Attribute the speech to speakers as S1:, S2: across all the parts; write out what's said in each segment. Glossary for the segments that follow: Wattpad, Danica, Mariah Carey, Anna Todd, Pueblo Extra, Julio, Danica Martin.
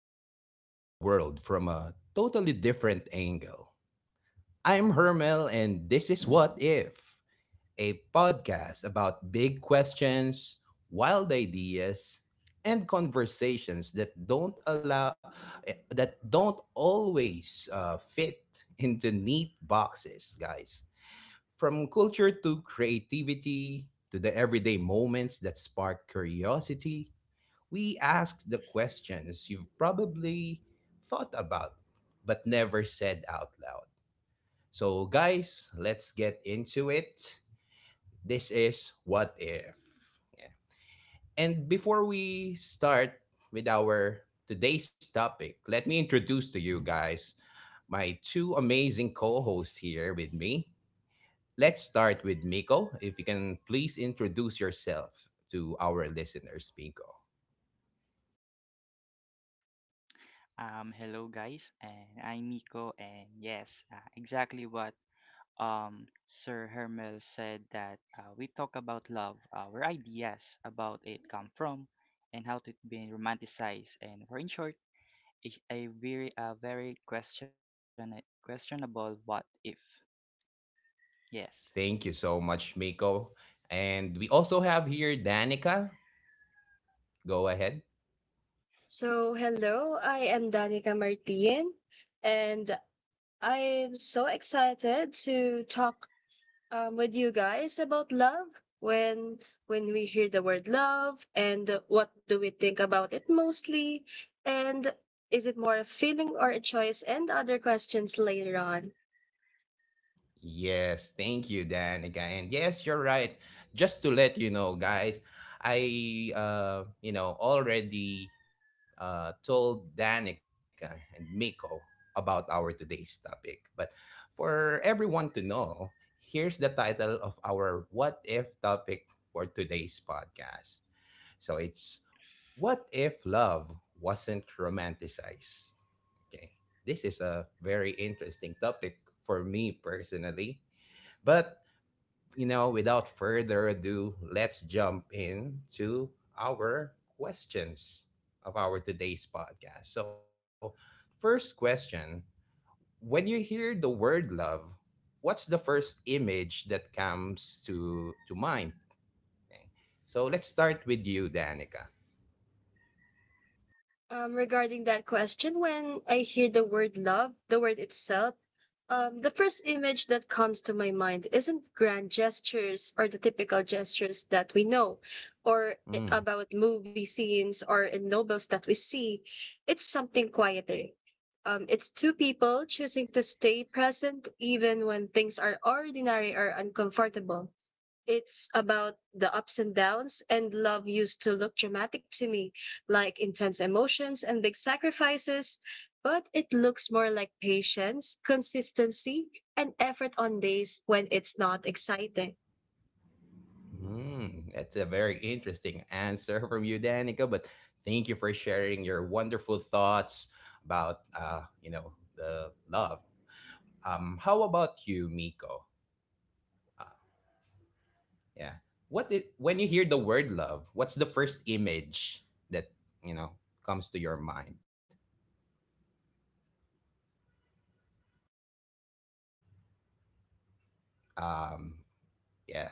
S1: looked at the world from a totally different angle? I'm Hermel, and this is What If, a podcast about big questions, wild ideas, and conversations that don't allow eh, that don't always fit into neat boxes, guys. From culture to creativity to the everyday moments that spark curiosity, we ask the questions you've probably thought about but never said out loud. So, guys, let's get into it. This is What If. And before we start with our today's topic, let me introduce to you guys my two amazing co hosts here with me. Let's start with Miko. If you can please introduce yourself to our listeners, Miko. Thank you so much, Miko. And we also have here Danica. Go ahead.
S2: So, hello, I am Danica Martin, and I'm so excited to talk with you guys about love. When when we hear the word love, and what do we think about it mostly, and is it more a feeling or a choice, and other questions later on.
S1: Yes, thank you, Danica. And yes, you're right. Just to let you know, guys, I already told Danica and Miko about our today's topic. But for everyone to know, here's the title of our "What If" topic for today's podcast. So it's, what if love wasn't romanticized? Okay. This is a very interesting topic for me personally. But, you know, without further ado, let's jump into our questions of our today's podcast. So, first question, when you hear the word love, what's the first image that comes to mind? Okay. So, let's start with you, Danica.
S2: Regarding that question, when I hear the word love, the word itself, the first image that comes to my mind isn't grand gestures or the typical gestures that we know, or
S1: Hmm.
S2: about movie scenes or in novels that we see. It's something quieter. It's two people choosing to stay present even when things are ordinary or uncomfortable. It's about the ups and downs, and love used to look dramatic to me, like intense emotions and big sacrifices. But it looks more like patience, consistency, and effort on days when it's not exciting.
S1: Mm, that's a very interesting answer from you, Danica. But thank you for sharing your wonderful thoughts about, you know, the love. How about you, Miko? Uh, yeah. What did, when you hear the word love, what's the first image that, you know, comes to your mind? Um, Yes.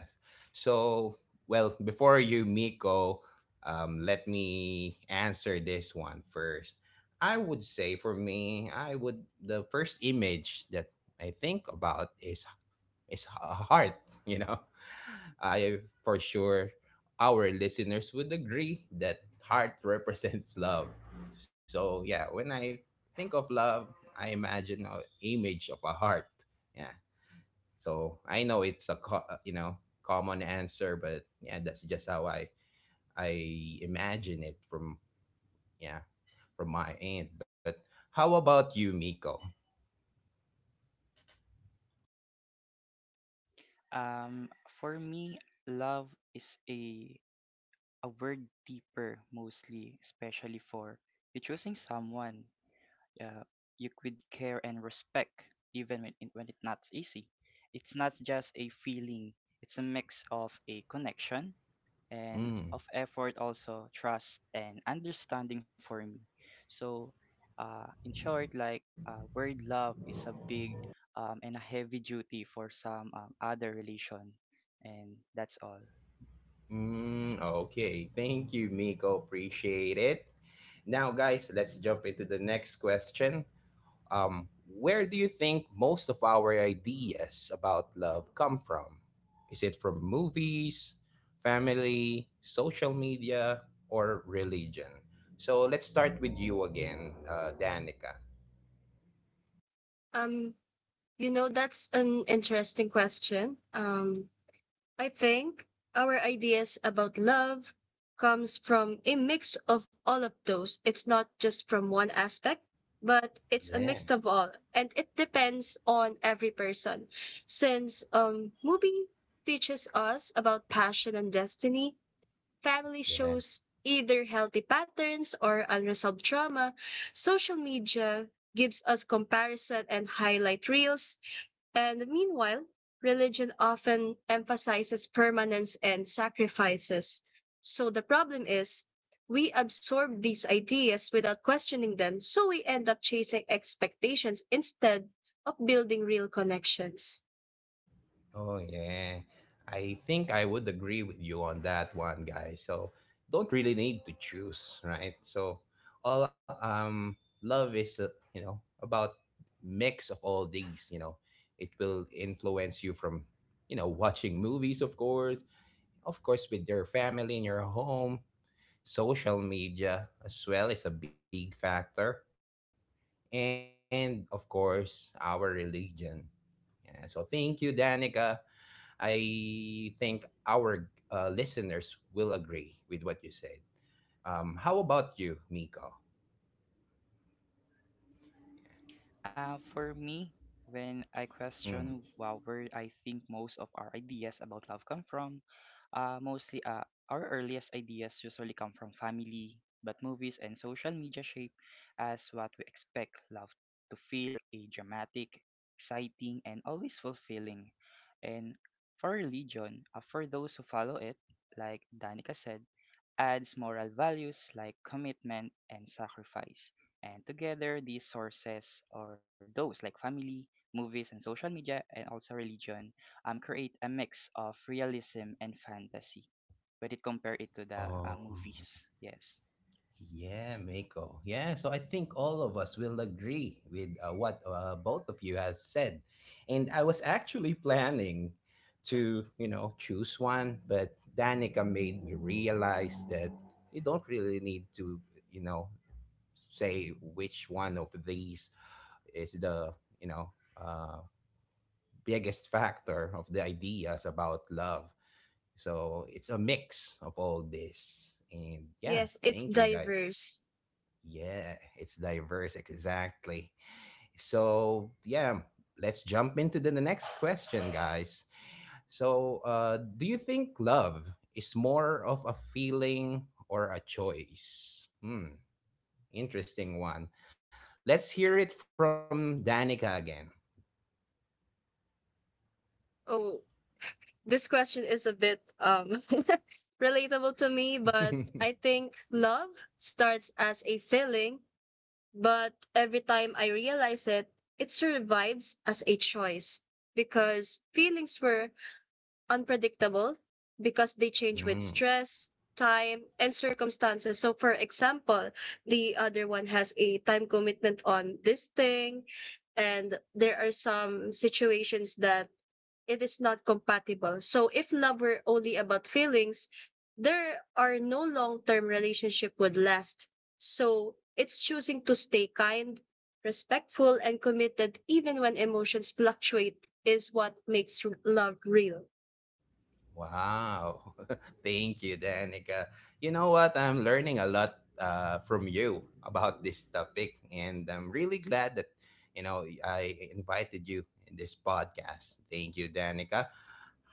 S1: So, well, before you, Miko, let me answer this one first. I would say for me, I would the first image that I think about is a heart. You know, I for sure our listeners would agree that heart represents love. So yeah, when I think of love, I imagine an image of a heart. Yeah, so I know it's a you know, common answer, but yeah, that's just how I imagine it from, yeah, from my end. But how about you, Miko? Mm. Mm, okay, thank you, Miko. Appreciate it. Now, guys, let's jump into the next question. Where do you think most of our ideas about love come from? Is it from movies, family, social media, or religion? So let's start with you again, Danica.
S2: Um, you know, that's an interesting question. I think our ideas about love comes from a mix of all of those. It's not just from one aspect, but it's a
S1: Yeah,
S2: mix of all. And it depends on every person. Since movie teaches us about passion and destiny, family
S1: yeah.
S2: shows either healthy patterns or unresolved trauma. Social media gives us comparison and highlight reels, and meanwhile, religion often emphasizes permanence and sacrifices. So the problem is, we absorb these ideas without questioning them, so we end up chasing expectations instead of building real connections.
S1: Oh yeah. I think I would agree with you on that one, guys. So don't really need to choose, right? So all, love is, about mix of all these, you know. It will influence you from, you know, watching movies, of course with your family in your home, social media as well is a big factor, and of course our religion. Yeah. So thank you, Danica. I think our listeners will agree with what you said. How about you, Miko? Mm. Um, yeah, Miko. Yeah, so I think all of us will agree with what both of you has said. And I was actually planning to, you know, choose one, but Danica made me realize that you don't really need to, you know, say which one of these is the, you know, uh, biggest factor of the ideas about love. So it's a mix of all this. And yeah,
S2: Yes, it's
S1: thank you guys.
S2: diverse.
S1: Yeah, it's diverse, exactly. So yeah, let's jump into the next question, guys. So, do you think love is more of a feeling or a choice? Hmm, interesting one. Let's hear it from Danica again.
S2: Oh, this question is a bit relatable to me, but I think love starts as a feeling. But every time I realize it, it survives as a choice because feelings were unpredictable because they change with
S1: Mm.
S2: stress, time, and circumstances. So, for example, the other one has a time commitment on this thing, and there are some situations that it is not compatible. So if love were only about feelings, there are no long-term relationship would last. So it's choosing to stay kind, respectful, and committed even when emotions fluctuate is what makes love real.
S1: Wow. Thank you, Danica. You know what? I'm learning a lot from you about this topic, and I'm really glad that, you know, I invited you in this podcast. Thank you, Danica.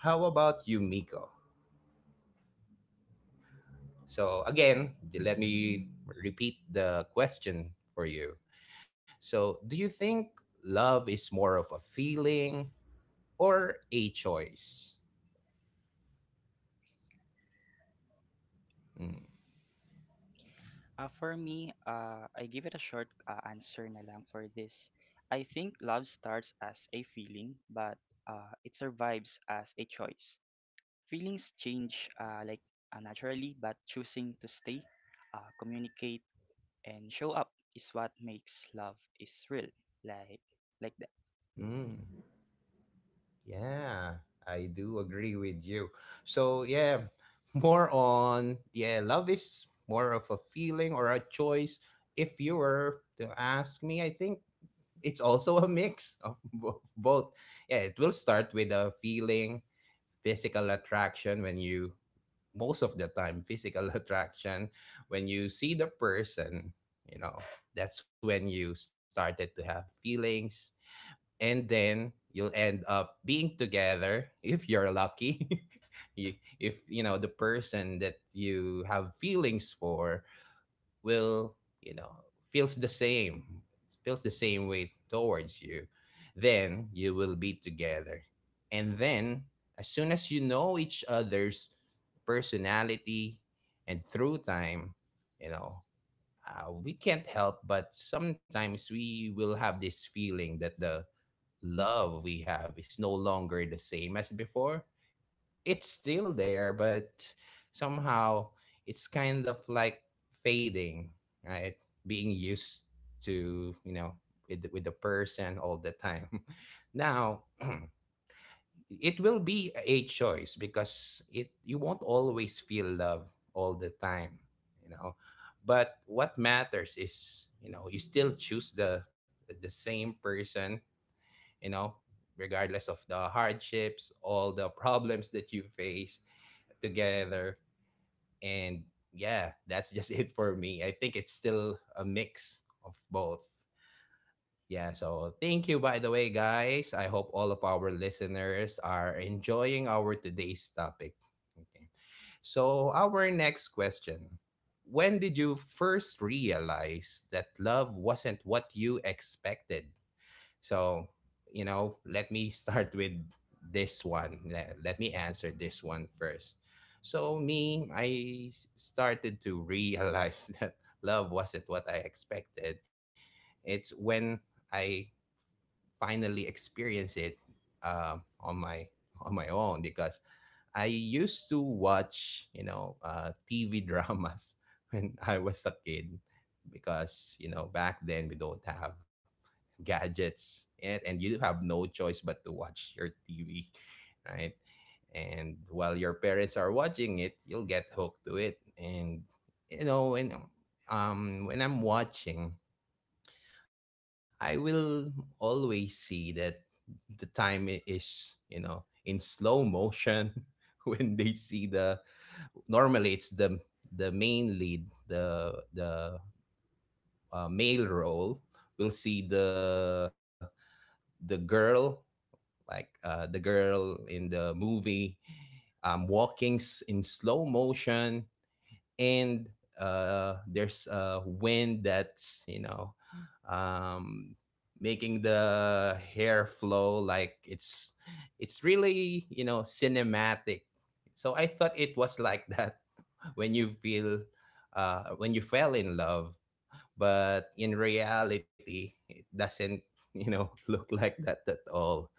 S1: How about you, Miko? So, again, let me repeat the question for you. So, do you think love is more of a feeling or a choice? Mm. Mm. Yeah, I do agree with you. So, yeah, more on, yeah, love is more of a feeling or a choice. If you were to ask me, I think it's also a mix of both. Yeah, it will start with a feeling, physical attraction when you, most of the time, physical attraction, when you see the person, you know, that's when you started to have feelings, and then you'll end up being together if you're lucky. If you know the person that you have feelings for will, you know, feels the same feels the same way towards you, then you will be together, and then as soon as you know each other's personality and through time, you know, we can't help but sometimes we will have this feeling that the love we have is no longer the same as before. It's still there, but somehow it's kind of like fading, right? Being used to, you know, with the person all the time. Now, it will be a choice because it you won't always feel love all the time, you know. But what matters is, you know, you still choose the same person, you know, regardless of the hardships, all the problems that you face together. And yeah, that's just it for me. I think it's still a mix of both. Yeah, so thank you, by the way, guys. I hope all of our listeners are enjoying our today's topic. Okay. So, our next question, when did you first realize that love wasn't what you expected? So, you know, let me start with this one. Let me answer this one first. So, me, started to realize that love wasn't what I expected. It's when I finally experienced it on my own, because I used to watch, you know, TV dramas when I was a kid, because, you know, back then we don't have gadgets, and you have no choice but to watch your TV, right? And while your parents are watching it, you'll get hooked to it. And, you know, when I'm watching, I will always see that is, you know, in slow motion when they see the, normally it's the main lead, the male role. We'll see the girl, like, the girl in the movie, walking in slow motion, and there's a wind that's, you know, um, making the hair flow, like it's really, you know, cinematic. So I thought it was like that when you feel when you fell in love, but in reality it doesn't, you know, look like that at all.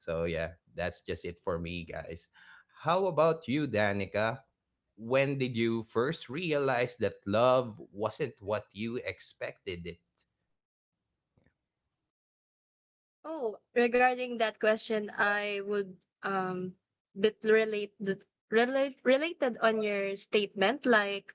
S1: So yeah, that's just it for me, guys. How about you, Danica? When did you first realize that love wasn't what you expected it?
S2: Oh, regarding that question, I would um bit relate the related on your statement like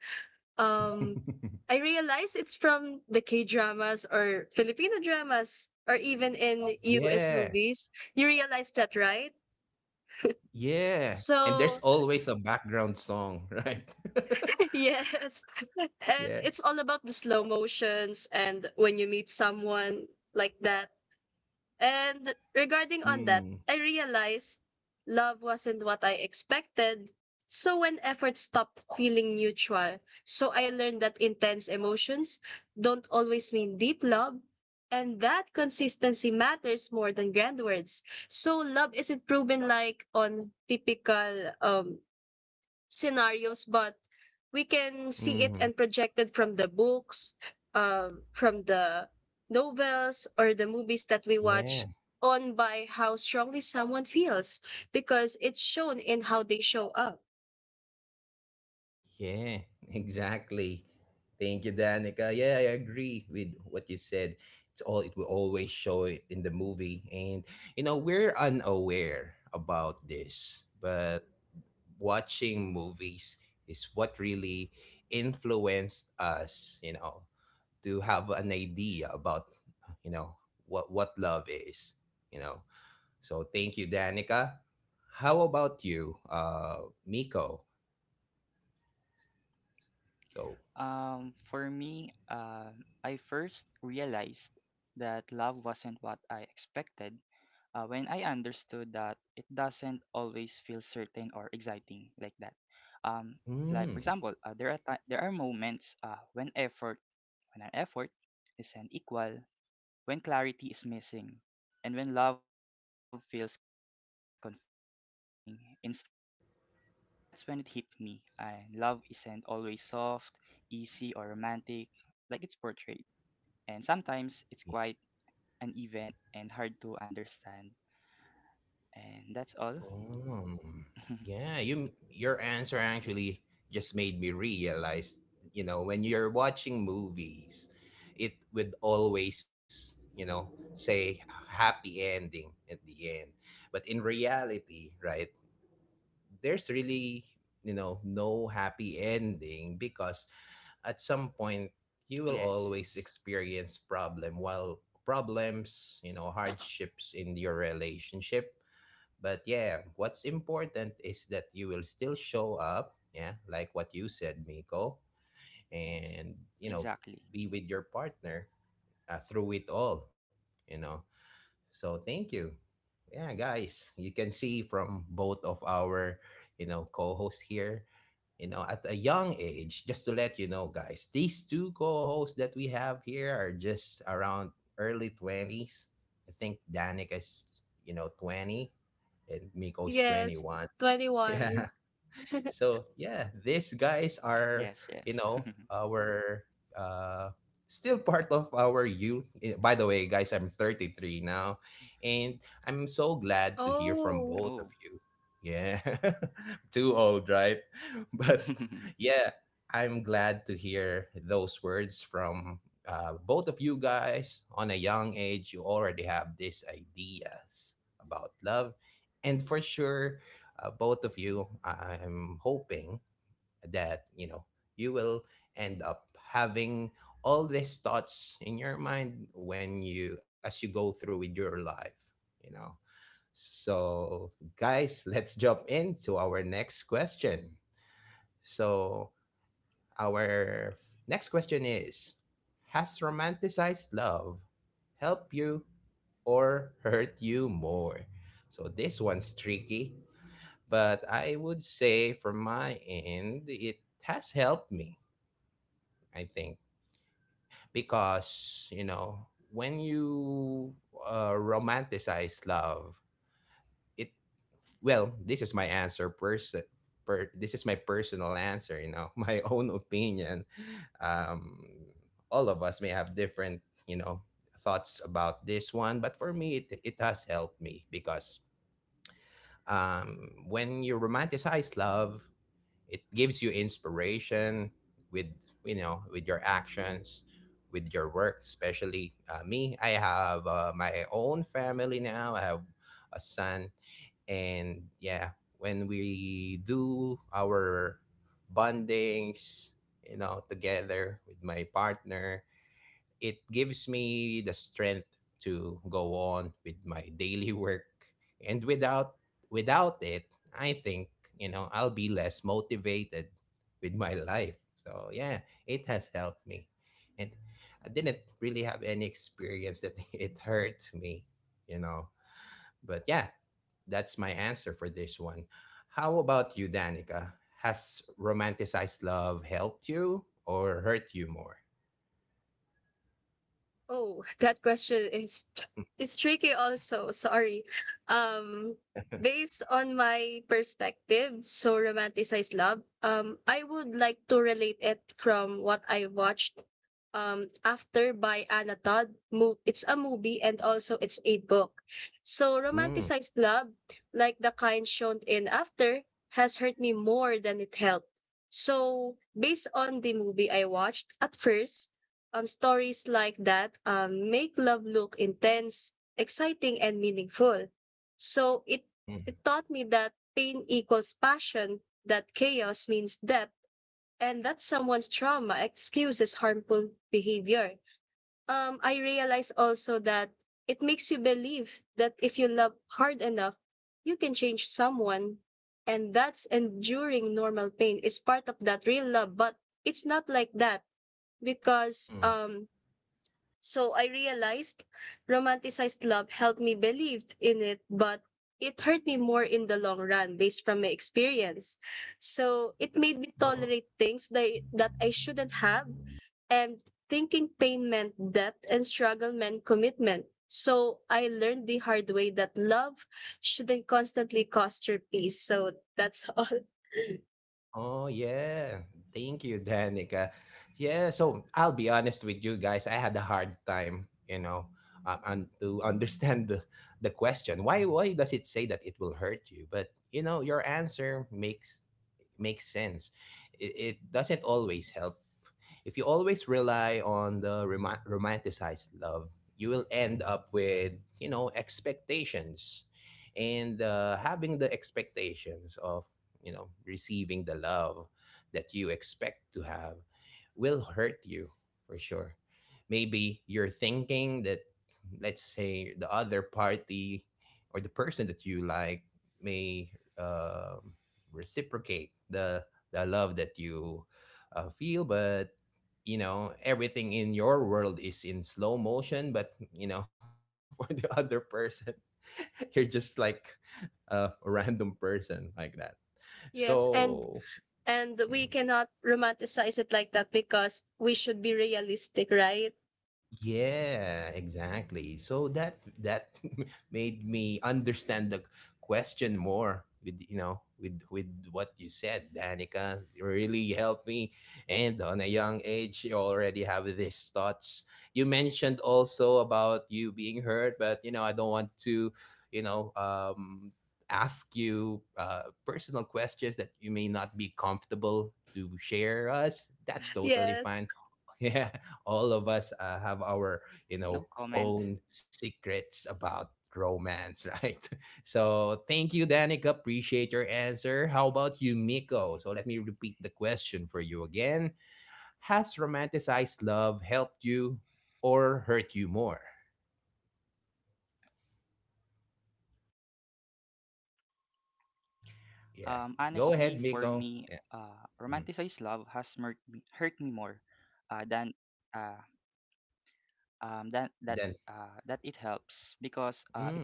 S2: um I realized it's from the K dramas or Filipino dramas or even in US
S1: Yeah,
S2: movies. You realize that, right?
S1: yeah, and there's
S2: So,
S1: always a background song, right?
S2: yes. And
S1: Yeah.
S2: it's all about the slow motions and when you meet someone like that. And regarding on that,
S1: Mm.
S2: I realized love wasn't what I expected. So when effort stopped feeling mutual, so I learned that intense emotions don't always mean deep love. And that consistency matters more than grand words. So love isn't proven like on typical scenarios, but we can see it and
S1: Mhm.
S2: project it from the books, from the novels or the movies that we
S1: Yeah.
S2: watch on by how strongly someone feels because it's shown in how they show up.
S1: Yeah, exactly. Thank you, Danica. Yeah, I agree with what you said. It's all, it will always show it in the movie, and you know, we're unaware about this, but watching movies is what really influenced us. You know, to have an idea about, you know, what love is. You know, so thank you, Danica. How about you, Miko? So. Mm. Um, yeah, your answer actually just made me realize, you know, when you're watching movies, it would always, you know, say happy ending at the end. But in reality, right, there's really, you know, no happy ending, because at some point you will always experience problems, you know, hardships in your relationship. But yeah, what's important is that you will still show up, yeah, like what you said, Miko, and you know, be with your partner through it all, you know. So thank you. Yeah, guys, you can see from both of our, you know, co-hosts here, you know, at a young age. Just to let you know, guys, these two co-hosts that we have here are just around early 20s. I think Danica is, you know, 20, and Miko is
S2: Yes,
S1: 21.
S2: 21.
S1: Yeah. So yeah, these guys are, you know, our uh still part of our youth. Eh, by the way, guys, I'm 33 now, and I'm so glad to hear from
S2: Oh.
S1: both of you. Yeah. Too old, right? But yeah, I'm glad to hear those words from both of you guys. On a young age you already have these ideas about love, and for sure both of you, I'm hoping that, you know, you will end up having all these thoughts in your mind when you, as you go through with your life, you know. So, guys, let's jump into our next question. So, our next question is: Has romanticized love helped you or hurt you more? So, this one's tricky, but I would say from my end, it has helped me, I think, because, you know, when you romanticize love, it, well, this is my answer person. This is my personal answer, you know, my own opinion. Um, all of us may have different, you know, thoughts about this one, but for me, it has helped me because when you romanticize love, it gives you inspiration with, you know, with your actions, with your work, especially me. I have my own family now. I have a son, and yeah, when we do our bondings, you know, together with my partner, it gives me the strength to go on with my daily work. And without it, I think, you know, I'll be less motivated with my life. So yeah, it has helped me, and I didn't really have any experience that it hurt me, you know. But yeah, that's my answer for this one. How about you, Danica? Has romanticized love helped you or hurt you more?
S2: Oh, that question is tricky also. Sorry. Um, Based on my perspective, so romanticized love, I would like to relate it from what I watched after by Anna Todd. Move it's a movie and also it's a book. So
S1: Mm,
S2: romanticized love, like the kind shown in after, has hurt me more than it helped. So based on the movie I watched at first, stories like that make love look intense, exciting, and meaningful. So it,
S1: mm,
S2: it taught me that pain equals passion, that chaos means depth, and that someone's trauma excuses harmful behavior. I realized also that it makes you believe that if you love hard enough, you can change someone. And that's enduring normal pain is part of that real love, but it's not like that because
S1: mm.
S2: so I realized romanticized love helped me believe in it, but it hurt me more in the long run based from my experience. So it made me
S1: Oh,
S2: tolerate things that I shouldn't have and thinking pain meant depth and struggle meant commitment. So I learned the hard way that love shouldn't constantly cost your peace. So that's all.
S1: oh yeah. Thank you, Danica. Yeah, so I'll be honest with you guys. I had a hard time, you know, and to understand the question. Why does it say that it will hurt you? But you know, your answer makes sense. It doesn't always help. If you always rely on the romanticized love, you will end up with, you know, expectations. And having the expectations of, you know, receiving the love that you expect to have will hurt you for sure. Maybe you're thinking that, let's say, the other party or the person that you like may um reciprocate the love that you feel, but you know everything in your world is in slow motion, but you know for the other person you're just like a random person like that.
S2: Yes,
S1: So
S2: and
S1: hmm,
S2: we cannot romanticize it like that because we should be realistic, right?
S1: yeah, exactly. So that made me understand the question more with, you know, with what you said, Danica. You really helped me. And on a young age, you already have these thoughts. You mentioned also about you being hurt, but you know I don't want to, you know, ask you personal questions that you may not be comfortable to share us. That's totally
S2: Yes,
S1: fine. Yeah, all of us have our, you know, own secrets about romance, right? So thank you, Danica. Appreciate your answer. How about you, Miko? So let me repeat the question for you again. Has romanticized love helped you or hurt you more? Yeah, go ahead, Miko. Yeah. Mhm. Then mm,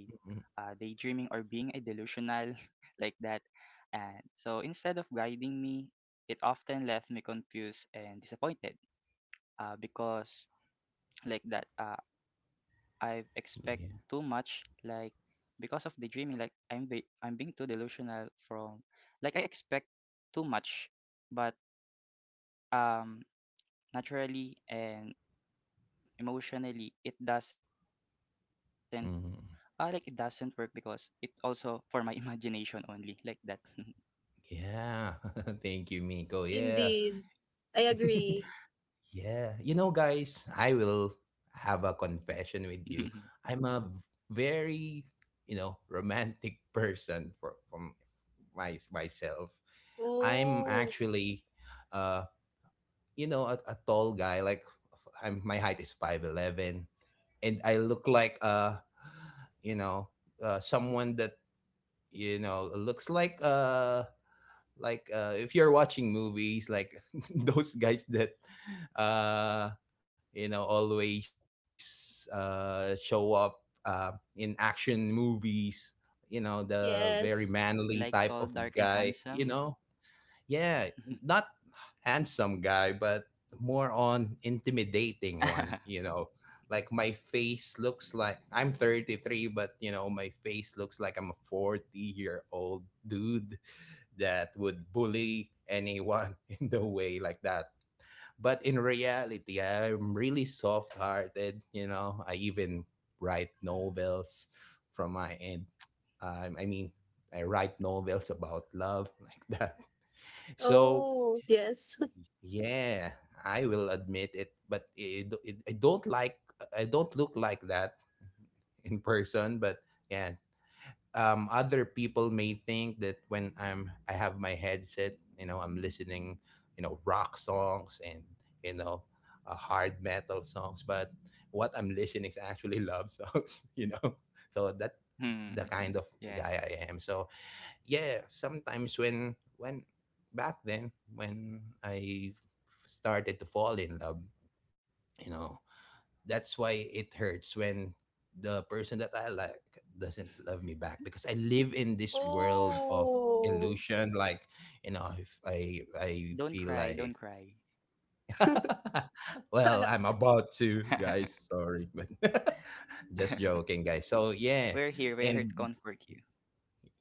S1: mm, mm, yeah. Mhm. Yeah. Thank you, Miko. Yeah.
S2: indeed. I agree.
S1: Yeah. You know, guys, I will have a confession with you. I'm a very, you know, romantic person for from my myself. I'm
S2: Oh,
S1: actually uh, you know, a tall guy. Like I'm my height is 5'11, and I look like you know, someone that, you know, looks like if you're watching movies like those guys that uh you know always show up uh in action movies, you know, the very
S2: yes.
S1: manly type of guy, you know. Yeah. Not handsome guy, but more on intimidating one, you know. Like my face looks like I'm 33, but you know my face looks like I'm a 40-year-old dude that would bully anyone in the way like that. But in reality, I'm really soft hearted. You know, I even write novels from my end. I mean, I write novels about love like that. So
S2: Oh, yes.
S1: yeah, I will admit it, but it, I don't like I don't look like that in person. But yeah, other people may think that when I have my headset, you know, I'm listening, you know, rock songs and, you know, hard metal songs. But what I'm listening is actually love songs, you know. So that the kind of guy I am. So yeah, sometimes when back then when I started to fall in love, you know, that's why it hurts when the person that I like doesn't love me back because I live in this world of
S2: Oh.
S1: illusion. Like, you know, if I feel like well, I'm about to, guys. Sorry, but just joking, guys. So yeah, and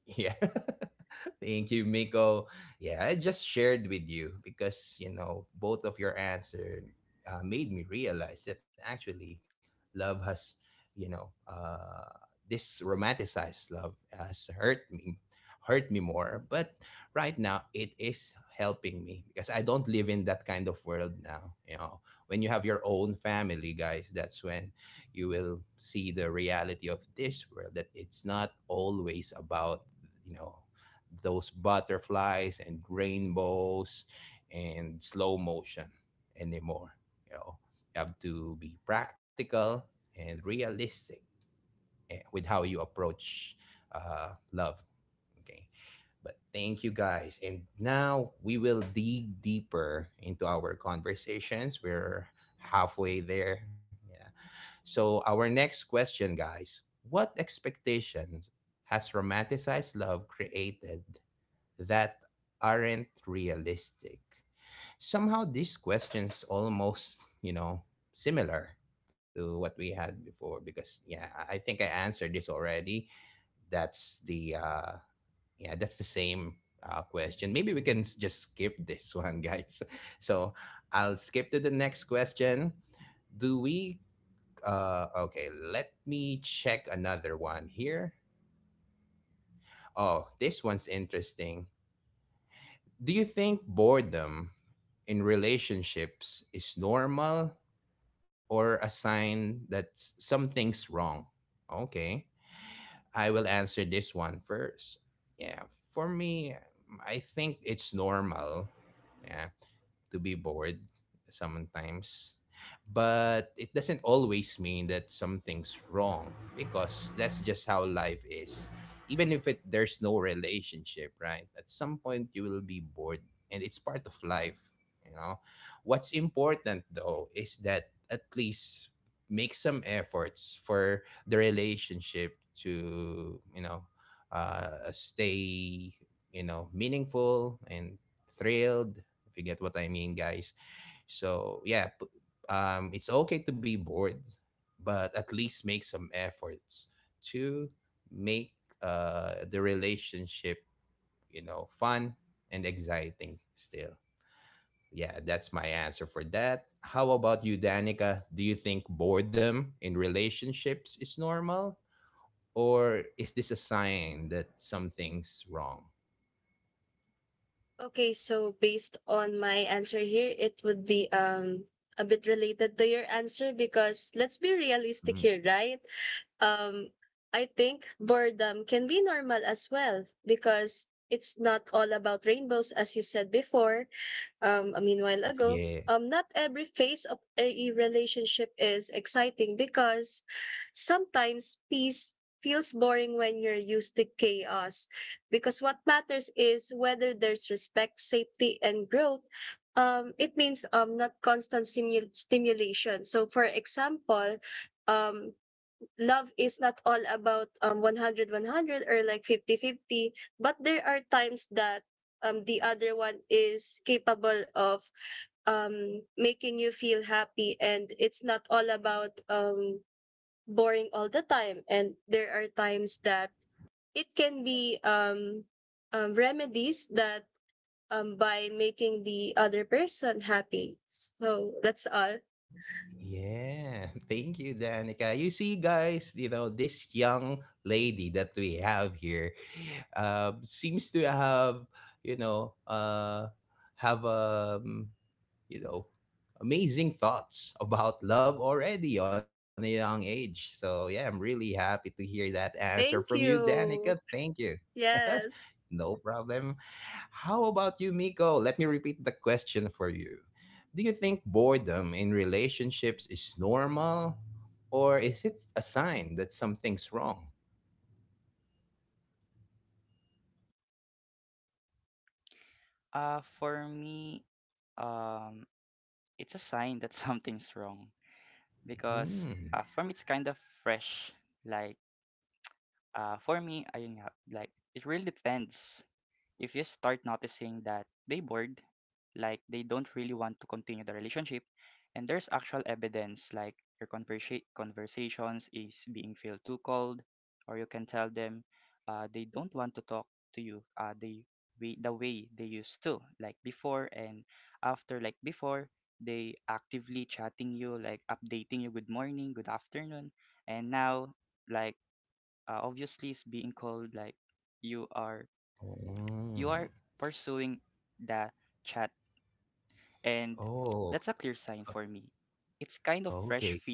S1: yeah. Thank you, Miko. Yeah, I just shared with you because, you know, both of your answer made me realize that actually love has, you know, this romanticized love has hurt me more. But right now, it is helping me because I don't live in that kind of world now. You know, when you have your own family, guys, that's when you will see the reality of this world that it's not always about, you know, those butterflies and rainbows and slow motion anymore, you know. You have to be practical and realistic, with how you approach love. Okay. But thank you, guys, and now we will dig deeper into our conversations. We're halfway there. Yeah. So our next question, guys: what expectations has romanticized love created that aren't realistic? Somehow these questions almost, you know, similar to what we had before because yeah, I think I answered this already. That's the yeah, that's the same question. Maybe we can just skip this one, guys. So, I'll skip to the next question. Do we okay, let me check another one here. Oh, this one's interesting. Do you think boredom in relationships is normal or a sign that something's wrong? Okay, I will answer this one first. Yeah, for me, I think it's normal. Yeah, to be bored sometimes. But it doesn't always mean that something's wrong because that's just how life is. Even if there's no relationship, right? At some point, you will be bored, and it's part of life, you know? What's important though is that at least make some efforts for the relationship to, you know, stay, you know, meaningful and thrilled, if you get what I mean, guys. So yeah, it's okay to be bored, but at least make some efforts to make the relationship, you know, fun and exciting still. Yeah, that's my answer for that. How about you, Danica? Do you think boredom in relationships is normal? Or is this a sign that something's wrong?
S2: Okay, so based on my answer here, it would be a bit related to your answer because let's be
S1: Mm.
S2: realistic here, right? Um I think boredom can be normal as well because it's not all about rainbows as you said before, a meanwhile ago,
S1: Yeah.
S2: not every phase of a relationship is exciting because sometimes peace feels boring when you're used to chaos. Because what matters is whether there's respect, safety, and growth. It means not constant stimulation. So, for example, um, love is not all about 100 100 or like 50 50, but there are times that the other one is capable of making you feel happy, and it's not all about boring all the time, and there are times that it can be remedies that by making the other person happy. So that's all.
S1: Yeah, thank you, Danica. You see, guys, you know, this young lady that we have here seems to you know, uh, have you know, amazing thoughts about love already on a young age. So, yeah, I'm really happy to hear that answer from you,
S2: Thank
S1: Danica.
S2: you.
S1: Thank you.
S2: Yes.
S1: No problem. How about you, Miko? Let me repeat the question for you. Do you think boredom in relationships is normal or is it a sign that something's wrong? Hmm. Mm. Oh, okay.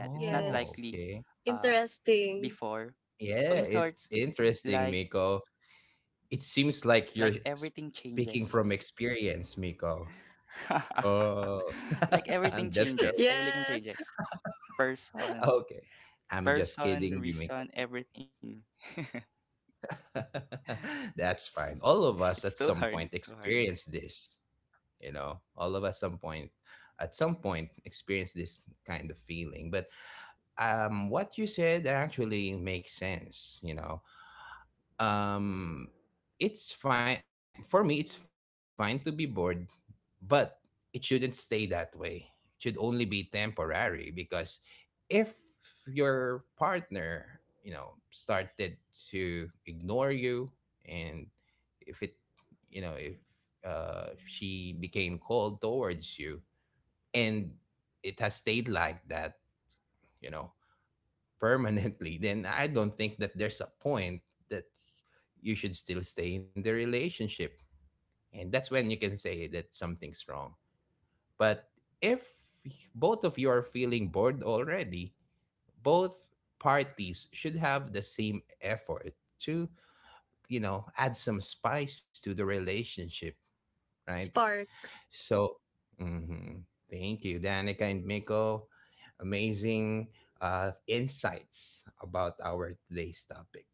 S1: Oh,
S2: Yes.
S1: okay.
S2: Interesting.
S1: Yeah, it's interesting, Miko. It seems like you're speaking from experience, Miko. Oh, I'm just joking.
S2: Yes.
S1: Okay. I'm just kidding you, Miko. That's fine. All of us at some point experience this, you know. All of us some point at some point experience this kind of feeling. But what you said actually makes sense, you know. um it's fine for me. It's fine to be bored, but it shouldn't stay that way. It should only be temporary because if your partner, you know, started to ignore you, and if it you know, if she became cold towards you, and it has stayed like that, you know, permanently, then I don't think that there's a point that you should still stay in the relationship. And that's when you can say that something's wrong. But if both of you are feeling bored already, both parties should have the same effort to, you know, add some spice to the relationship, right?
S2: Spark.
S1: So, mhm. Thank you, Danica and Miko. Amazing insights about our today's topic.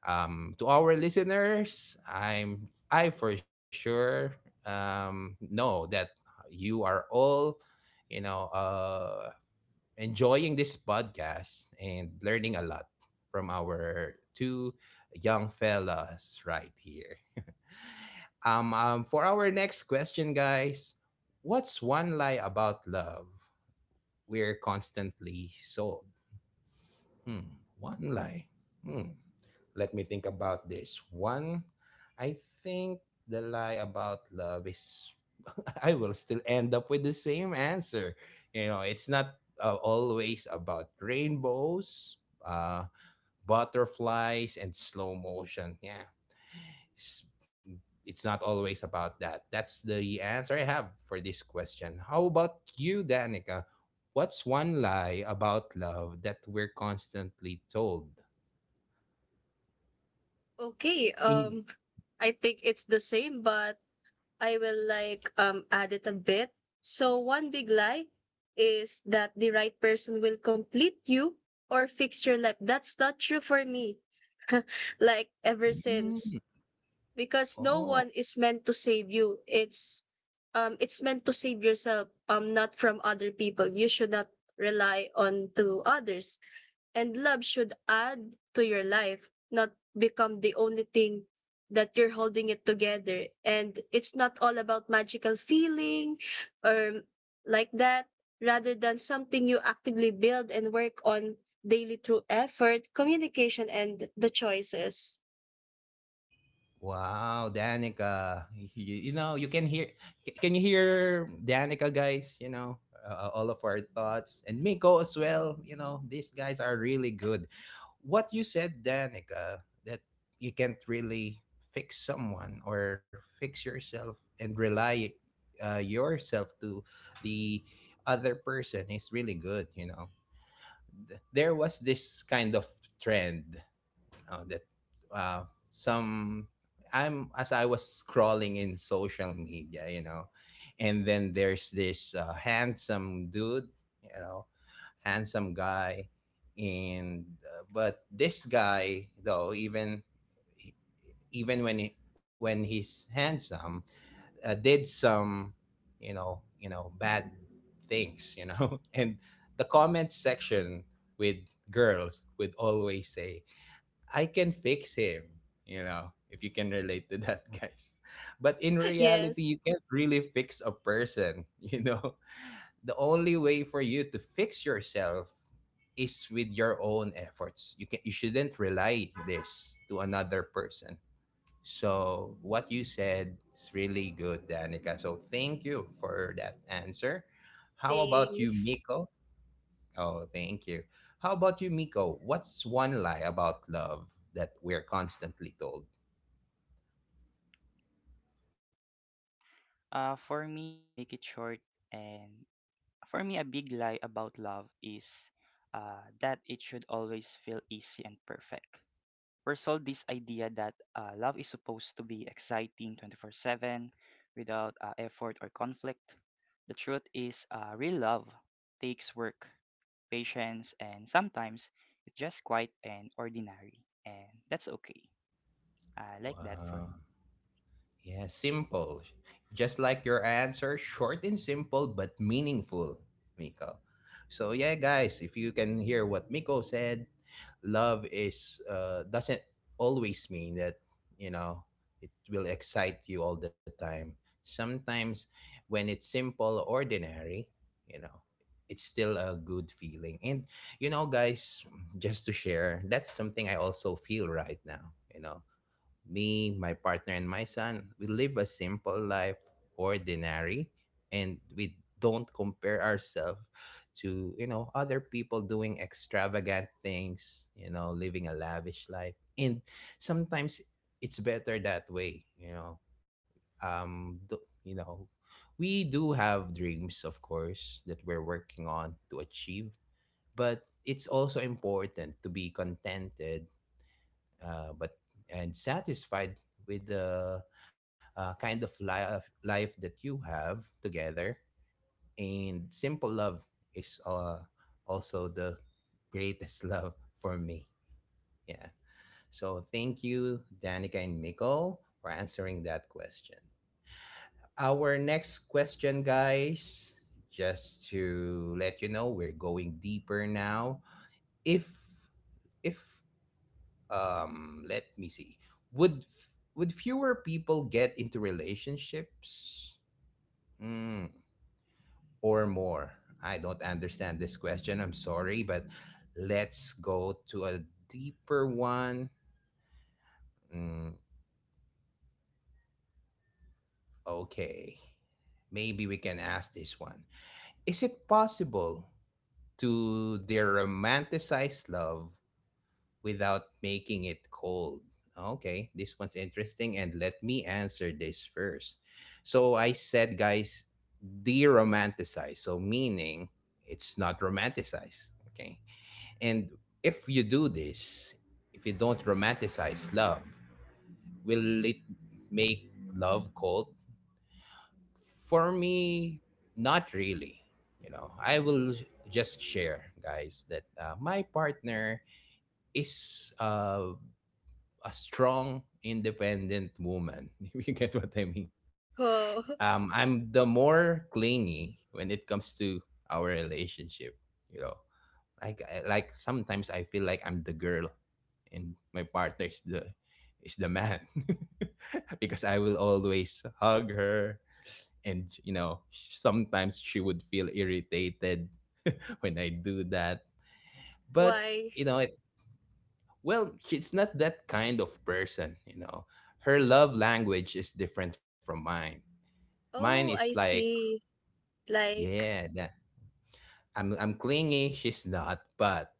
S1: To our listeners, I for sure know that you are all, you know, enjoying this podcast and learning a lot from our two young fellas right here. For our next question, guys: what's one lie about love we're constantly sold? Hmm. One lie. Hmm. Let me think about this. One, I think the lie about love is I will still end up with the same answer. You know, it's not always about rainbows, uh, butterflies, and slow motion. Yeah. S- It's not always about that. That's the answer I have for this question. How about you, Danica? What's one lie about love that we're constantly told?
S2: Okay.
S1: In
S2: I think it's the same, but I will like add it a bit. So one big lie is that the right person will complete you or fix your life. That's not true for me. Like ever since, because no
S1: Oh,
S2: one is meant to save you. It's meant to save yourself, not from other people. You should not rely on to others. And love should add to your life, not become the only thing that you're holding it together. And it's not all about magical feeling or like that, rather than something you actively build and work on daily through effort, communication, and the choices.
S1: wow, Danica. You can hear can you hear Danica guys, all of our thoughts and Miko as well, you know, these guys are really good. What you said, Danica, that you can't really fix someone or fix yourself and rely yourself to the other person is really good, you know. There was this kind of trend, you know, that uh, some I'm as I was scrolling in social media, you know, and then there's this handsome dude, you know, handsome guy, and but this guy though, even when he's handsome, did some bad things, you know, and the comment section with girls would always say, "I can fix him." You know, if you can relate to that, guys, but in reality you
S2: Yes.
S1: can't really fix a person, you know. The only way for you to fix yourself is with your own efforts. You shouldn't rely this to another person. So what you said is really good, Danica. So thank you for that answer. How about you,
S2: Things.
S1: Miko? Oh, thank you. How about you, Miko? What's one lie about love that we're constantly told? Wow. Yeah, simple. Just like your answer, short and simple but meaningful, Miko. So yeah, guys, if you can hear what Miko said, love is doesn't always mean that, you know, it will excite you all the time. Sometimes when it's simple or ordinary, you know, it's still a good feeling. And you know, guys, just to share, that's something I also feel right now. You know, me, my partner, and my son, we live a simple life, ordinary, and we don't compare ourselves to, you know, other people doing extravagant things, you know, living a lavish life. And sometimes it's better that way, you know. Um, do, you know, we do have dreams, of course, that we're working on to achieve, but it's also important to be contented but and satisfied with the kind of life that you have together. And simple love is also the greatest love for me. Yeah. So thank you, Danica and Miko, for answering that question. Our next question, guys, just to let you know, we're going deeper now. If if let me see would would fewer people get into relationships, mm, or more. I don't understand this question, I'm sorry, but let's go to a deeper one. mm, okay, maybe we can ask this one. Is it possible to their romanticized love without making it cold? Okay, this one's interesting, and let me answer this first. So I said, guys, de-romanticize. So meaning it's not romanticized. Okay, and if you do this, if you don't romanticize love, will it make love cold? For me, not really. You know, I will just share, guys, that my partner is a strong, independent woman. If you get what I mean.
S2: Oh,
S1: I'm the more clingy when it comes to our relationship. You know, like sometimes I feel like I'm the girl and my partner is the man because I will always hug her, and you know sometimes she would feel irritated when I do that. But
S2: why?
S1: you know, it. Well, she's not that kind of person, you know. Her love language is different from mine. Mine is
S2: Oh, I
S1: like,
S2: see. Like,
S1: yeah, that I'm clingy, she's not, but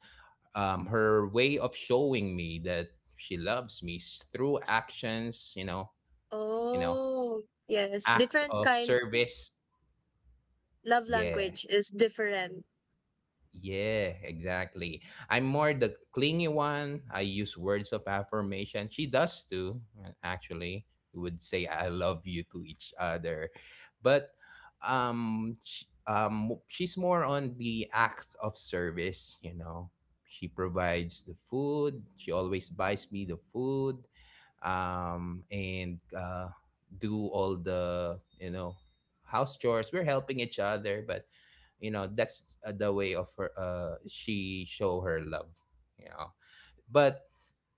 S1: her way of showing me that she loves me is through actions, you know,
S2: oh, yes,
S1: act
S2: different
S1: of
S2: kind,
S1: service.
S2: love
S1: Yeah.
S2: language is different.
S1: Yeah, exactly. I'm more the clingy one. I use words of affirmation. She does too, actually. We would say I love you to each other. But sh she's more on the act of service, you know. She provides the food. She always buys me the food. And do all the, you know, house chores. We're helping each other, but you know that's the way of her she show her love, you know, but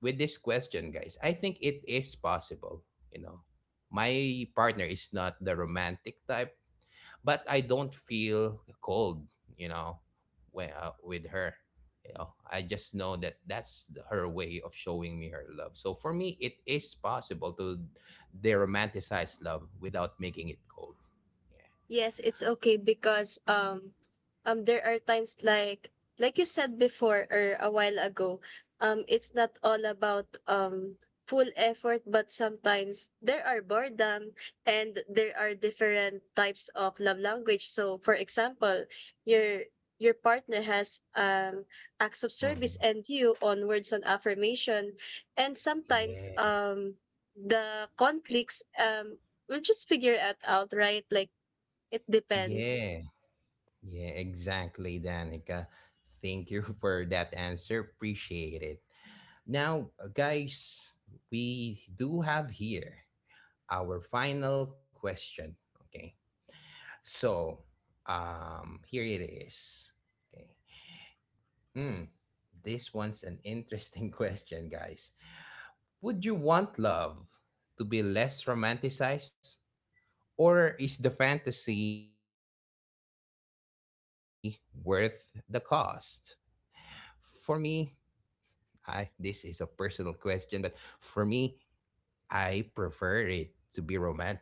S1: with this question, guys, I think it is possible. You know, my partner is not the romantic type, but I don't feel cold, you know, when, with her. You know, I just know that her way of showing me her love. So for me it is possible to de-romanticize love without making it cold. Yeah.
S2: Yes, it's okay because there are times like you said before or a while ago, it's not all about full effort, but sometimes there are boredom and there are different types of love language. So for example, your your partner has acts of service
S1: Mhm.
S2: and you on words on affirmation, and sometimes
S1: Yeah.
S2: the conflicts, we'll just figure it out, right? Like, it depends.
S1: Yeah. Yeah, exactly, Danica. Thank you for that answer. Appreciate it. Now, guys, we do have here our final question. Okay. So, here it is. Okay. Hmm. This one's an interesting question, guys. Would you want love to be less romanticized, or is the fantasy worth the cost? For me, I this is a personal question, but for me, I prefer it to be romanticized. You know,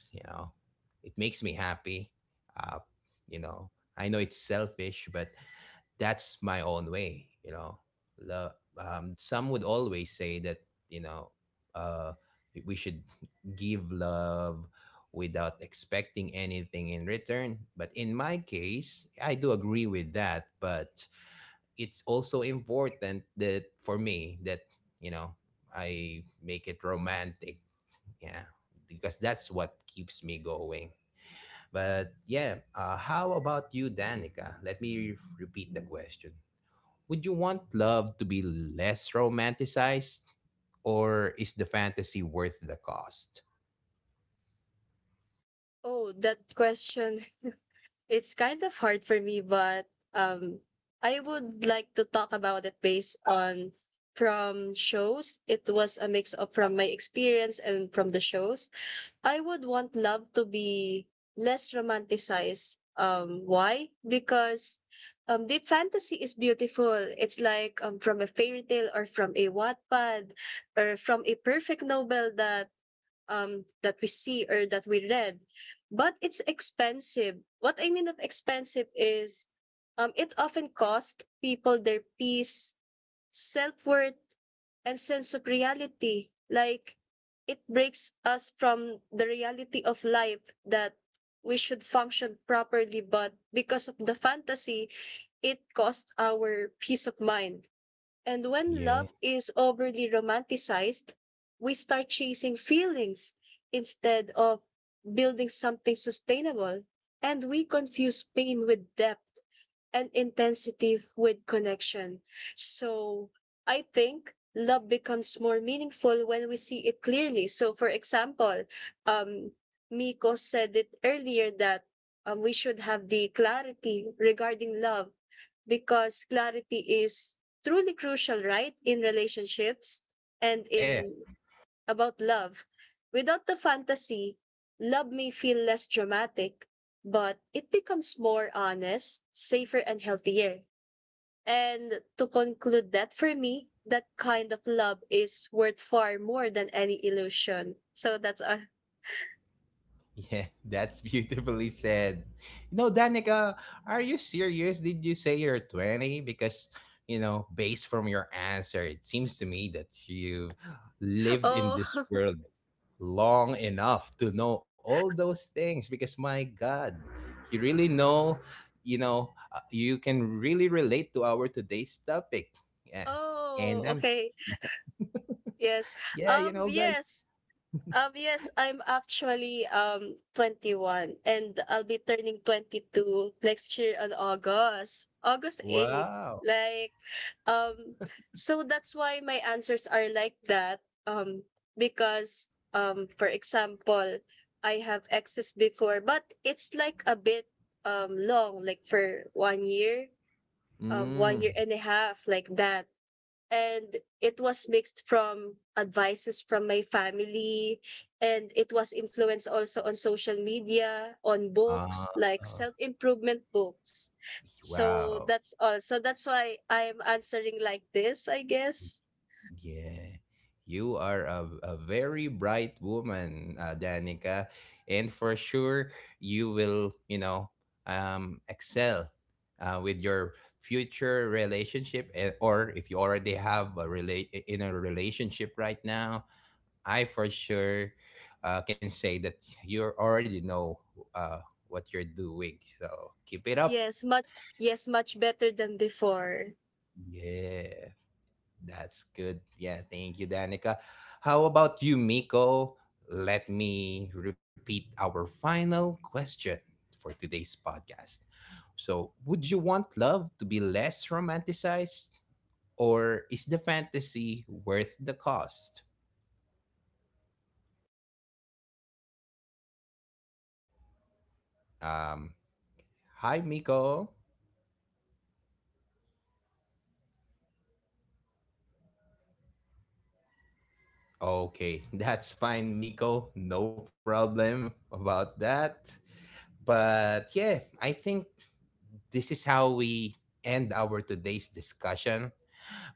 S1: it makes me happy. Uh, you know, I know it's selfish, but that's my own way. You know, Lo- some would always say that, you know, uh, we should give love without expecting anything in return. But in my case, I do agree with that, but it's also important that for me that, you know, I make it romantic. Yeah, because that's what keeps me going. But yeah, how about you, Danica? Let me repeat the question. Would you want love to be less romanticized, or is the fantasy worth the cost?
S2: Oh, that question. It's kind of hard for me, but um, I would like to talk about it based on from shows. It was a mix of from my experience and from the shows. I would want love to be less romanticized. Why? Because deep fantasy is beautiful. It's like, from a fairy tale or from a Wattpad or from a perfect novel that that we see or that we read, but it's expensive. What I mean of expensive is it often cost people their peace, self-worth, and sense of reality. Like, it breaks us from the reality of life that we should function properly, but because of the fantasy, it costs our peace of mind. And when
S1: Yeah,
S2: love is overly romanticized, we start chasing feelings instead of building something sustainable, and we confuse pain with depth and intensity with connection. So I think love becomes more meaningful when we see it clearly. So for example, um Miko said it earlier that we should have the clarity regarding love because clarity is truly crucial, right? In relationships and
S1: yeah.
S2: in about love, without the fantasy, love may feel less dramatic, but it becomes more honest, safer, and healthier. And to conclude that for me, that kind of love is worth far more than any illusion. So that's all.
S1: Yeah, that's beautifully said. You know, Danica, are you serious? Did you say you're 20? Because, you know, based from your answer, it seems to me that you've lived in this
S2: Oh,
S1: world long enough to know all those things. Because, my God, you really know, you can really relate to our today's topic. Yeah. And
S2: oh,
S1: I'm,
S2: okay. Yes.
S1: yeah, you know, guys,
S2: Yes. Yes, I'm actually 21, and I'll be turning 22 next year on August, August 8th.
S1: wow.
S2: Like, um, so that's why my answers are like that. Um, because, for example, I have exes before, but it's like a bit long, like for 1 year, 1 year
S1: Mm.
S2: and a half, like that, and it was mixed from advices from my family, and it was influenced also on social media on books
S1: Ah,
S2: like self-improvement books. So
S1: wow.
S2: that's all, so that's why I am answering like this, I guess.
S1: Yeah, you are a very bright woman, Danica, and for sure you will, you know, excel with your future relationship, eh, or if you already have a in a relationship right now, I for sure can say that you already know uh, what you're doing. So keep it up.
S2: Yes, much. Yes, much better than before.
S1: Yeah. That's good. Yeah, thank you, Danica. How about you, Miko? Let me repeat our final question for today's podcast. So, would you want love to be less romanticized, or is the fantasy worth the cost? Um, hi, Miko. Okay, that's fine, Miko. No problem about that. But yeah, I think this is how we end our today's discussion.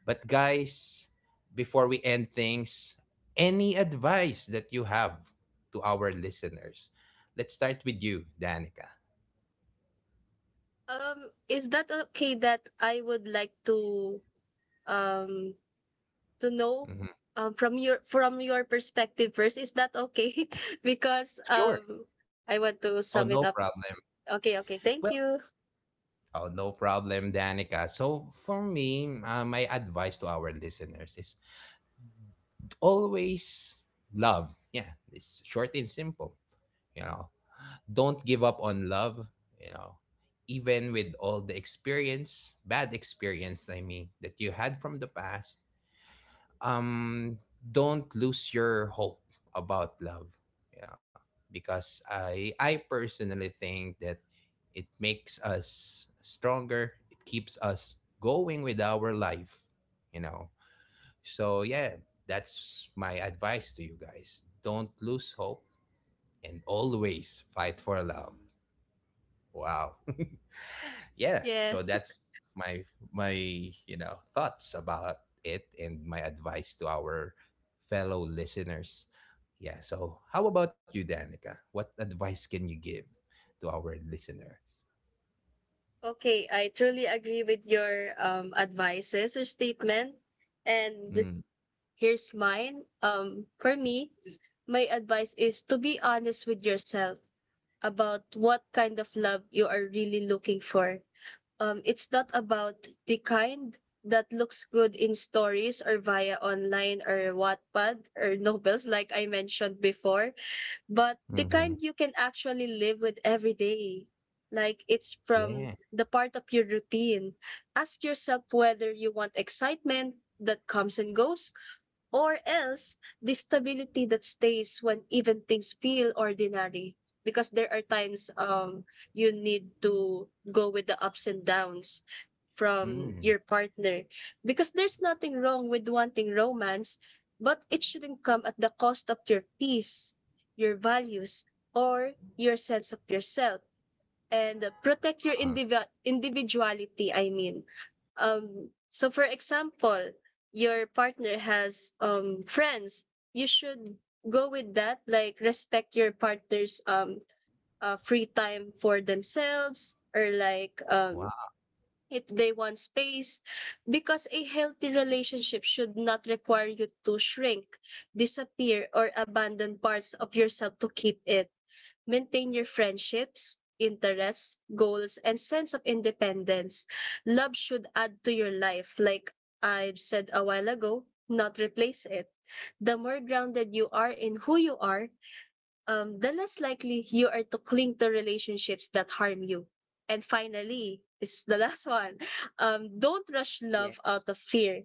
S1: But guys, before we end things, any advice that you have to our listeners? Let's start with you, Danica.
S2: Is that okay that I would like um to know,
S1: Mhm.
S2: from your, from your perspective first. Is that okay? Because
S1: Sure.
S2: I want to
S1: Oh, no
S2: sum it up.
S1: problem.
S2: Okay, okay.
S1: Well,
S2: Thank you.
S1: oh, no problem, Danica. So for me, my advice to our listeners is always love. Yeah, it's short and simple. You know, don't give up on love. You know, even with all the experience, bad experience, I mean, that you had from the past, um don't lose your hope about love. Yeah. Because I personally think that it makes us stronger, it keeps us going with our life, you know. So yeah, that's my advice to you guys. Don't lose hope and always fight for love. Wow. Yeah. So
S2: Yes.
S1: that's my my you know thoughts about it and my advice to our fellow listeners. Yeah. So how about you, Danica? What advice can you give to our listener?
S2: Okay, I truly agree with your advices or statement. And
S1: Mm.
S2: here's mine. For me, my advice is to be honest with yourself about what kind of love you are really looking for. It's not about the kind that looks good in stories or via online or Wattpad or novels, like I mentioned before, but the
S1: Hmm.
S2: kind you can actually live with every day. Like, it's
S1: Yeah.
S2: from the part of your routine. Ask yourself whether you want excitement that comes and goes, or else the stability that stays when even things feel ordinary. Because there are times, you need to go with the ups and downs from
S1: Mm.
S2: your partner. Because there's nothing wrong with wanting romance, but it shouldn't come at the cost of your peace, your values, or your sense of yourself, and protect your
S1: Uh,
S2: individuality, I mean. So, for example, your partner has friends, you should go with that, like respect your partner's free time for themselves, or like,
S1: wow.
S2: if they want space, because a healthy relationship should not require you to shrink, disappear, or abandon parts of yourself to keep it. Maintain your friendships, interests, goals, and sense of independence. Love should add to your life, like I've said a while ago, not replace it. The more grounded you are in who you are, the less likely you are to cling to relationships that harm you. And finally, this is the last one.
S3: Yes,
S2: Don't rush love out of fear.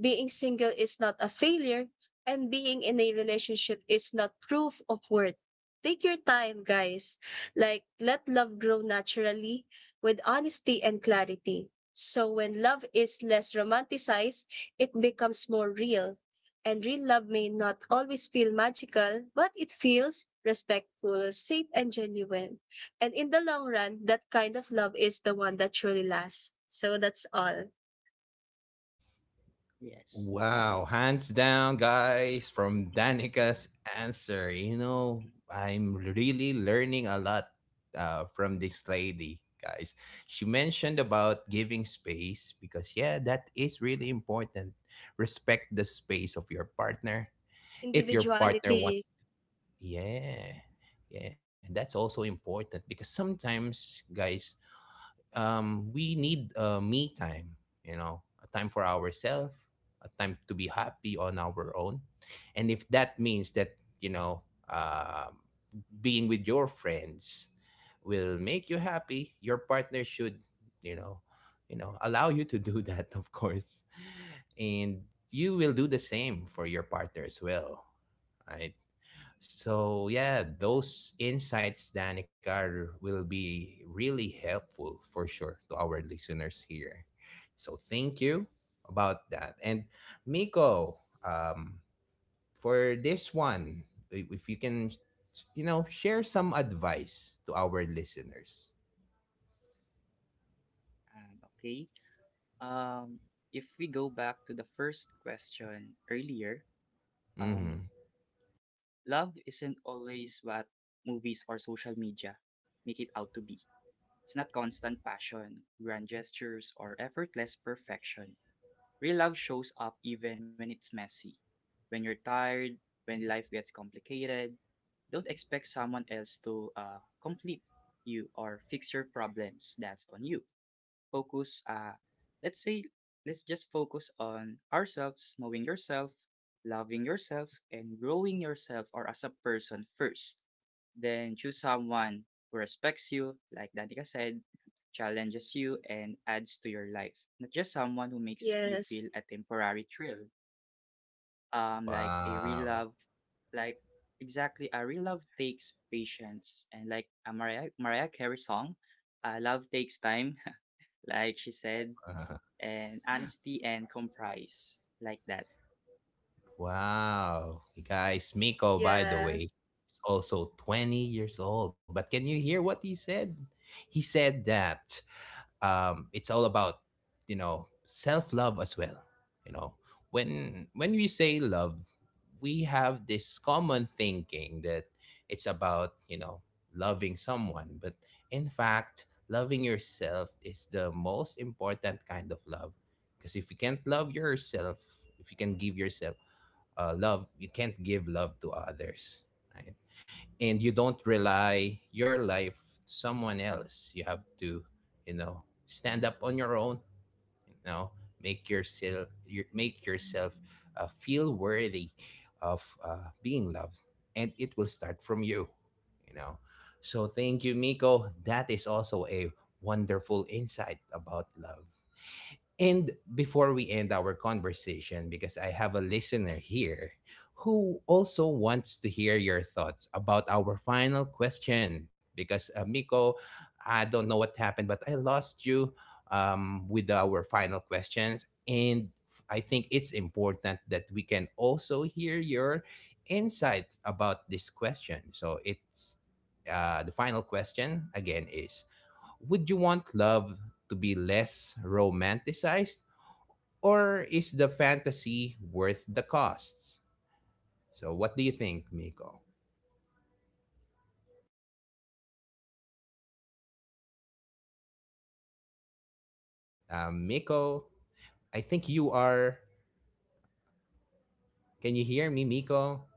S2: Being single is not a failure, and being in a relationship is not proof of worth. Take your time, guys. Like, let love grow naturally with honesty and clarity. So, when love is less romanticized, it becomes more real. And real love may not always feel magical, but it feels respectful, safe, and genuine. And in the long run, that kind of love is the one that truly lasts. So, that's all.
S3: yes.
S1: Wow, hands down, guys, from Danica's answer. You know, I'm really learning a lot from this lady, guys. She mentioned about giving space because, yeah, that is really important. Respect the space of your partner. If your partner wants,
S2: Individuality.
S1: yeah, yeah, that's also important because sometimes, guys, we need me time, you know, a time for ourselves, a time to be happy on our own. And if that means that, you know, um being with your friends will make you happy, your partner should, you know, you know, allow you to do that, of course. And you will do the same for your partner as well. Right? So yeah, those insights, Danikar, will be really helpful for sure to our listeners here. So thank you about that. And Miko, um, for this one, if you can, you know, share some advice to our listeners.
S3: Okay. Um, if we go back to the first question earlier,
S1: Mm-hmm.
S3: um, love isn't always what movies or social media make it out to be. It's not constant passion, grand gestures, or effortless perfection. Real love shows up even when it's messy, when you're tired, when life gets complicated. Don't expect someone else to complete you or fix your problems. That's on you. Focus, uh, let's say, let's just focus on ourselves, knowing yourself, loving yourself, and growing yourself or as a person first. Then choose someone who respects you, like Danica said, challenges you, and adds to your life. Not just someone who makes you feel
S2: Yes.
S3: a temporary thrill, um, like a real love,
S1: Wow.
S3: like, exactly, a real love takes patience and like a Mariah Carey song. Love takes time, like she said, and honesty and compromise like that.
S1: Wow. Guys, Miko, by the
S2: Yeah.
S1: way, is also 20 years old. But can you hear what he said? He said that it's all about, you know, self-love as well. You know, when we say love, we have this common thinking that it's about, you know, loving someone. But in fact, loving yourself is the most important kind of love. Because if you can't love yourself, if you can give yourself love, you can't give love to others, right? And you don't rely your life to someone else. You have to, you know, stand up on your own, you know, make yourself feel worthy of being loved, and it will start from you, you know. So thank you, Miko, that is also a wonderful insight about love. And before we end our conversation, because I have a listener here who also wants to hear your thoughts about our final question, because Miko, I don't know what happened, but I lost you with our final questions. And I think it's important that we can also hear your insights about this question. So it's the final question again is would you want love to be less romanticized or is the fantasy worth the costs? So what do you think, Miko? Miko, I think you are. Can you hear me, Miko?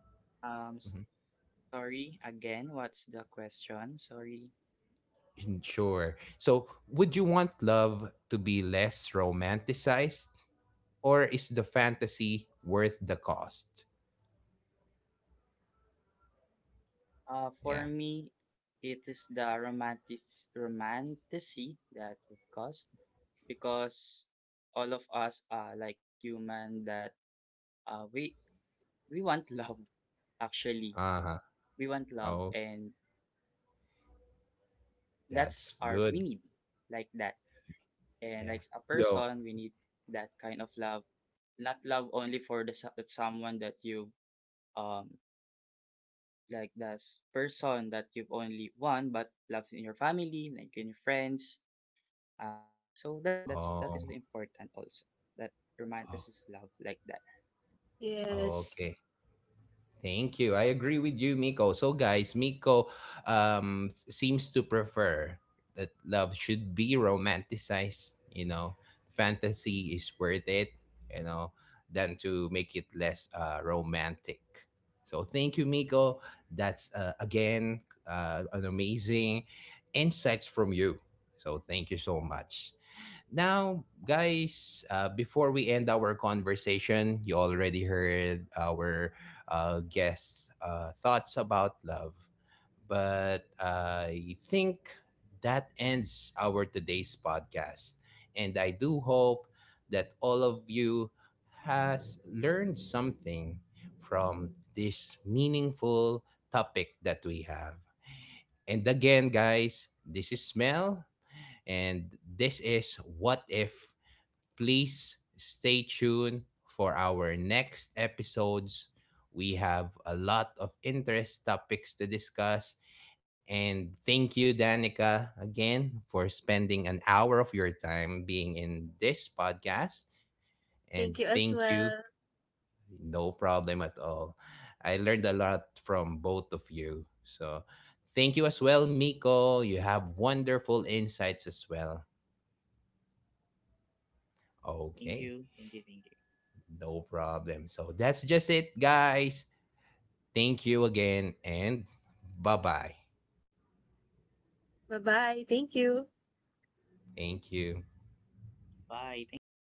S1: Mhm.
S3: sorry, again, what's the question? Sorry.
S1: Sure. So would you want love to be less romanticized or is the fantasy worth the cost?
S3: Uh, for
S1: Yeah.
S3: me, it is the romanticy that would cost, because all of us are like human that uh we we want love, actually.
S1: Uh huh.
S3: We want love,
S1: Oh,
S3: and that's
S1: that's
S3: our, we
S1: good.
S3: need, like that. And
S1: Yeah.
S3: like a
S1: Yo.
S3: person, we need that kind of love, not love only for the someone that you, um, like this person that you've only won, but love in your family, like in your friends. Uh, so that's an important, that's, that
S1: Oh.
S3: is the important also, that
S1: Oh.
S3: romanticism is love like that.
S2: Yes.
S1: Okay. Thank you. I agree with you, Miko. So, guys, Miko seems to prefer that love should be romanticized. You know, fantasy is worth it. You know, than to make it less romantic. So, thank you, Miko. That's again an amazing insights from you. So, thank you so much. Now, guys, before we end our conversation, you already heard our guests' thoughts about love. But I think that ends our today's podcast. And I do hope that all of you has learned something from this meaningful topic that we have. And again, guys, this is Mel, and this is What If. Please stay tuned for our next episodes. We have a lot of interest topics to discuss. And thank you, Danica, again for spending an hour of your time being in this podcast. And
S2: Thank you as
S1: thank you.
S2: well.
S1: No problem at all. I learned a lot from both of you. So thank you as well, Miko. You have wonderful insights as well.
S3: Thank you, thank
S1: Okay.
S3: you, thank you.
S1: No problem. So that's just it, guys. Thank you again and bye bye.
S2: Bye-bye. Thank you.
S1: Thank you.
S3: Bye, thank you.